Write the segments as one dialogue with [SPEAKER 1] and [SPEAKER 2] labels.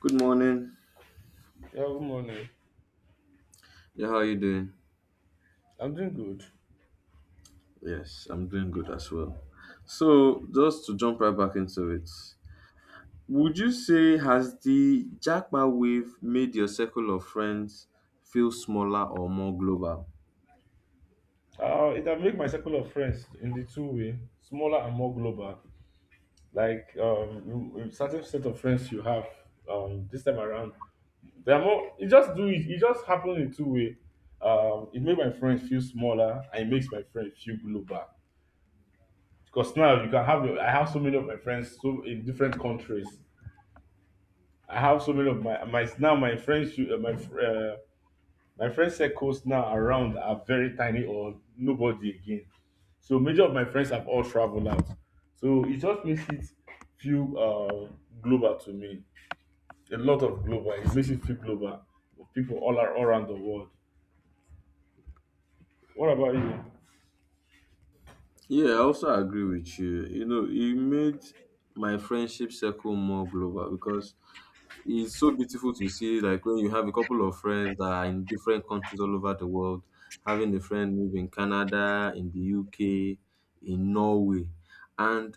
[SPEAKER 1] Good morning.
[SPEAKER 2] Yeah, good morning.
[SPEAKER 1] Yeah, how are you doing?
[SPEAKER 2] I'm doing good.
[SPEAKER 1] Yes, I'm doing good as well. So, just to jump right back into it, would you say has the Jackpot wave made your circle of friends feel smaller or more global?
[SPEAKER 2] It can make my circle of friends in the two-way, smaller and more global. Like a certain set of friends you have this time around, they are more. You just do it. It just happens in two way. It makes my friends feel smaller, and it makes my friends feel global. Because now you can have. I have so many of my friends so in different countries. I have so many of my now my friends. My friend circles now around are very tiny or nobody again. So major of my friends have all traveled out. So it just makes it feel global to me. A lot of global. It makes it feel global. People all are all around the world. What about you?
[SPEAKER 1] Yeah, I also agree with you. You know, it made my friendship circle more global because it's so beautiful to see, like, when you have a couple of friends that are in different countries all over the world, having a friend move in Canada, in the UK, in Norway. And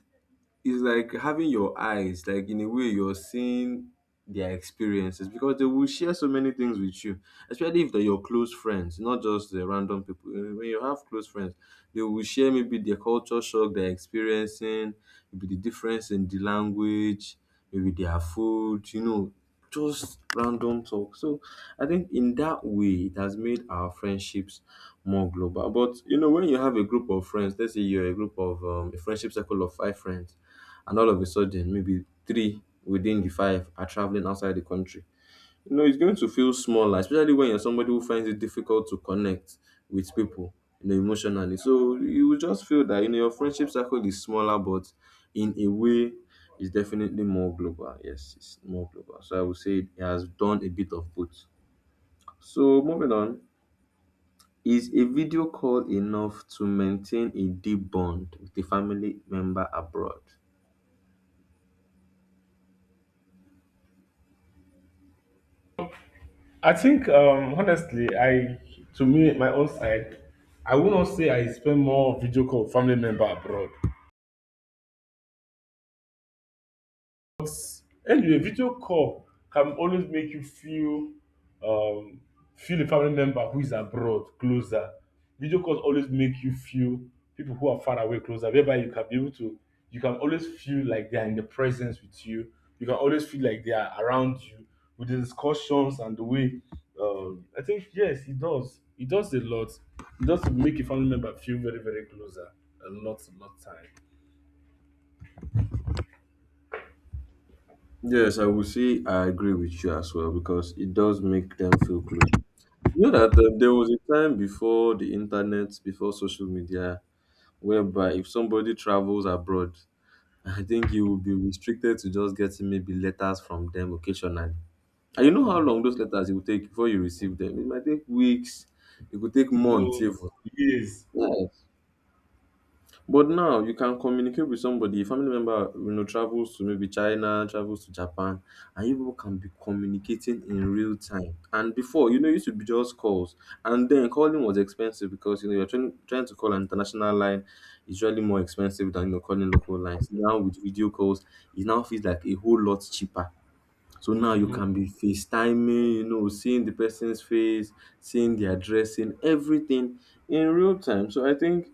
[SPEAKER 1] it's like having your eyes, like, in a way you're seeing their experiences because they will share so many things with you, especially if they're your close friends, not just the random people. When you have close friends, they will share maybe their culture shock they're experiencing, maybe the difference in the language, maybe their food, you know, just random talk. So I think in that way it has made our friendships more global. But you know, when you have a group of friends, let's say you're a group of a friendship circle of five friends, and all of a sudden maybe three within the five are traveling outside the country, you know it's going to feel smaller, especially when you're somebody who finds it difficult to connect with people, you know, emotionally. So you will just feel that, you know, your friendship circle is smaller, but in a way, it's definitely more global. Yes, it's more global. So I would say it has done a bit of both. So moving on, is a video call enough to maintain a deep bond with a family member abroad?
[SPEAKER 2] I think honestly, I to me my own side, I would not say I spend more video call with family member abroad. Anyway, video call can always make you feel um feel a family member who is abroad closer. Video calls always make you feel people who are far away closer, whereby you can be able to you can always feel like they are in the presence with you. You can always feel like they are around you with the discussions and the way I think yes, it does. It does a lot. It does make a family member feel very, very closer a lot time.
[SPEAKER 1] Yes, I would say I agree with you as well because it does make them feel close. You know that there was a time before the internet, before social media, whereby if somebody travels abroad, I think you will be restricted to just getting maybe letters from them occasionally. And you know how long those letters it will take before you receive them? It might take weeks, it could take months
[SPEAKER 2] Months,
[SPEAKER 1] even.
[SPEAKER 2] years.
[SPEAKER 1] Yes. But now you can communicate with somebody, a family member, you know, travels to maybe China, travels to Japan, and you people can be communicating in real time. And before, you know, it used to be just calls. And then calling was expensive because, you know, you're trying to call an international line, is usually more expensive than, you know, calling local lines. Now with video calls, it now feels like a whole lot cheaper. So now you
[SPEAKER 2] Mm-hmm.
[SPEAKER 1] can be FaceTiming, you know, seeing the person's face, seeing their dressing, everything in real time. So I think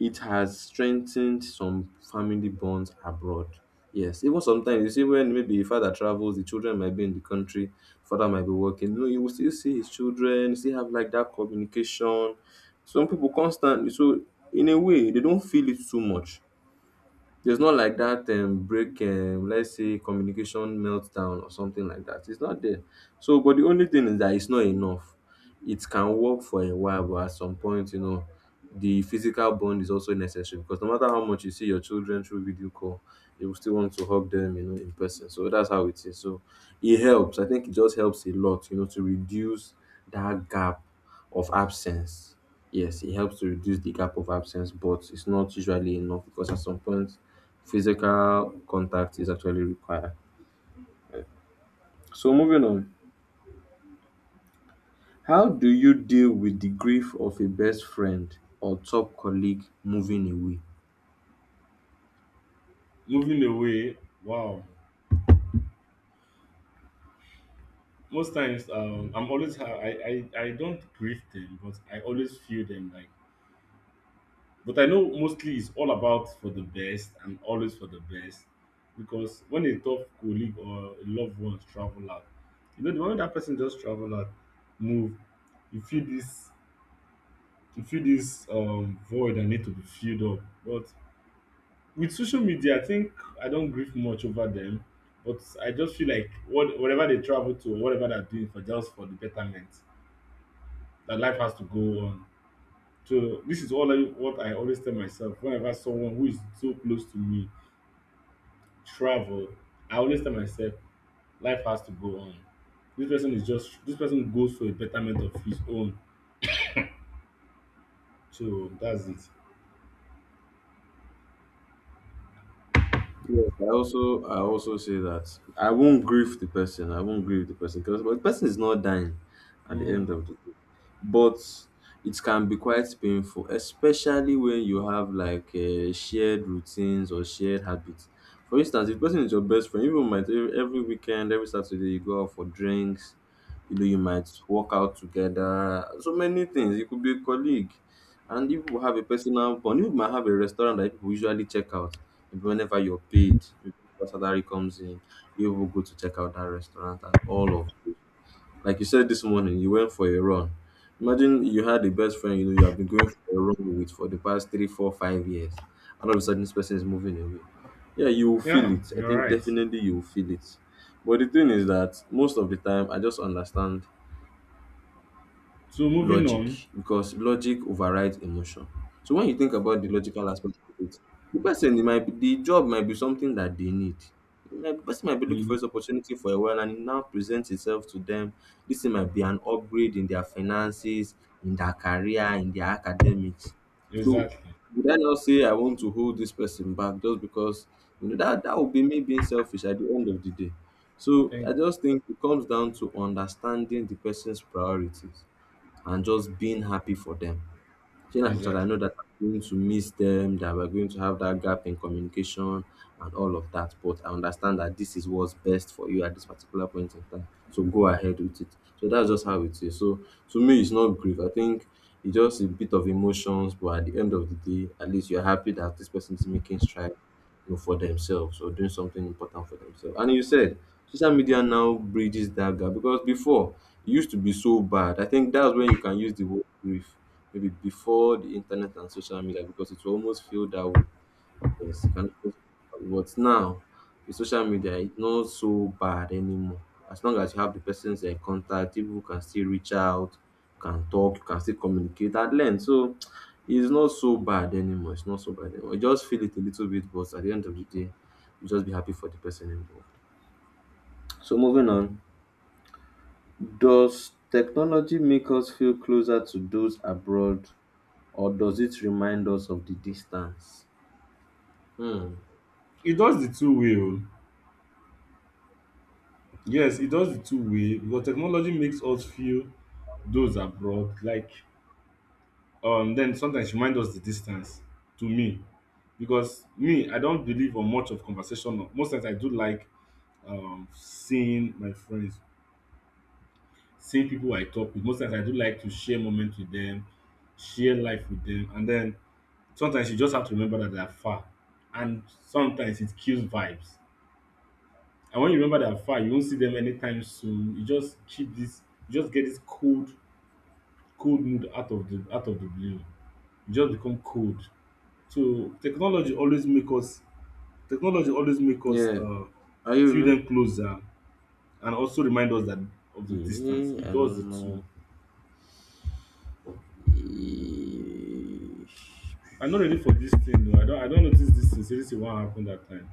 [SPEAKER 1] it has strengthened some family bonds abroad. Yes, even sometimes you see when maybe a father travels, the children might be in the country, father might be working. You know, you will still see his children, you still have like that communication. Some people constantly, so in a way, they don't feel it too much. There's not like that break, let's say communication meltdown or something like that. It's not there. So, but the only thing is that it's not enough. It can work for a while, but at some point, you know, the physical bond is also necessary because no matter how much you see your children through video call, you will still want to hug them, you know, in person. So that's how it is. So it helps. I think it just helps a lot, you know, to reduce that gap of absence. Yes, it helps to reduce the gap of absence, but it's not usually enough because at some point, physical contact is actually required. So, moving on, how do you deal with the grief of a best friend or top colleague moving away?
[SPEAKER 2] Moving away, wow. Most times, I'm always I don't grieve them, but I always feel them like. But I know mostly it's all about for the best and always for the best, because when a tough colleague or a loved one travel out, you know the moment that person just travel out, move, you feel this, you feel this void that need to be filled up. But with social media, I think I don't grieve much over them, but I just feel like what whatever they travel to, whatever they're doing for just for the betterment, that life has to go on. So this is all I, what I always tell myself. Whenever someone who is so close to me travel, I always tell myself life has to go on. This person is just this person goes for a betterment of his own. So that's it.
[SPEAKER 1] Yes, I also say that I won't grieve the person. I won't grieve the person because but the person is not dying at the
[SPEAKER 2] Mm,
[SPEAKER 1] end of the day. But it can be quite painful, especially when you have like shared routines or shared habits. For instance, if the person is your best friend, even might every weekend, every Saturday you go out for drinks. You know, you might work out together. So many things. You could be a colleague. And if you have a personal bond, you might have a restaurant that people usually check out. Maybe whenever you're paid, maybe whenever salary comes in, you will go to check out that restaurant and all of it. Like you said this morning, you went for a run. Imagine you had a best friend you know you have been going for a run with for the past 3, 4, 5 years, and all of a sudden this person is moving away. Yeah, you will feel
[SPEAKER 2] yeah,
[SPEAKER 1] it. I
[SPEAKER 2] you're
[SPEAKER 1] think
[SPEAKER 2] right.
[SPEAKER 1] definitely you will feel it. But the thing is that most of the time, I just understand
[SPEAKER 2] So moving on.
[SPEAKER 1] logic because logic overrides emotion. So when you think about the logical aspect of it, the person it might be, the job might be something that they need. The person might be looking for
[SPEAKER 2] Mhm.
[SPEAKER 1] this opportunity for a while and it now presents itself to them. This thing might be an upgrade in their finances, in their career, in their academics. So
[SPEAKER 2] Exactly.
[SPEAKER 1] would I not say I want to hold this person back just because you know that that would be me being selfish at the end of the day. So I
[SPEAKER 2] Thank
[SPEAKER 1] just think it comes down to understanding the person's priorities and just being happy for them. Saying as much as I
[SPEAKER 2] exactly.
[SPEAKER 1] know that I'm going to miss them, that we're going to have that gap in communication and all of that, but I understand that this is what's best for you at this particular point in time. So go ahead with it. So that's just how it is. So to me, it's not grief. I think it's just a bit of emotions, but at the end of the day, at least you're happy that this person is making strides, you know, for themselves or doing something important for themselves. And you said social media now bridges that gap because before it used to be so bad. I think that's when you can use the word grief, maybe before the internet and social media, because it will almost feel that way. Yes, you can always but now with social media it's not so bad anymore. As long as you have the person's contact, people can still reach out, can talk, you can still communicate at length. So it's not so bad anymore. It's not so bad anymore. You just feel it a little bit, but at the end of the day, you just be happy for the person involved. So moving on, does technology make us feel closer to those abroad or does it remind us of the distance? Hmm.
[SPEAKER 2] It does the two-way o. Yes, it does the two-way because technology makes us feel those abroad like then sometimes remind us the distance to me because me I don't believe on much of conversation. Most times I do like seeing my friends, seeing people I talk with. Most times I do like to share moments with them, share life with them, and then sometimes you just have to remember that they are far, and sometimes it kills vibes. And when you remember that far, you won't see them anytime soon. You just keep this, you just get this cold, cold mood out of the blue. You just become cold. So technology always make us technology always make us
[SPEAKER 1] Yeah. Are you with
[SPEAKER 2] feel
[SPEAKER 1] me?
[SPEAKER 2] them closer and also remind us that of the distance.
[SPEAKER 1] Yeah,
[SPEAKER 2] It
[SPEAKER 1] I
[SPEAKER 2] does
[SPEAKER 1] don't
[SPEAKER 2] it too.
[SPEAKER 1] know. Eesh.
[SPEAKER 2] I'm not ready for this thing. Though. I don't notice this sincerity what happened that time.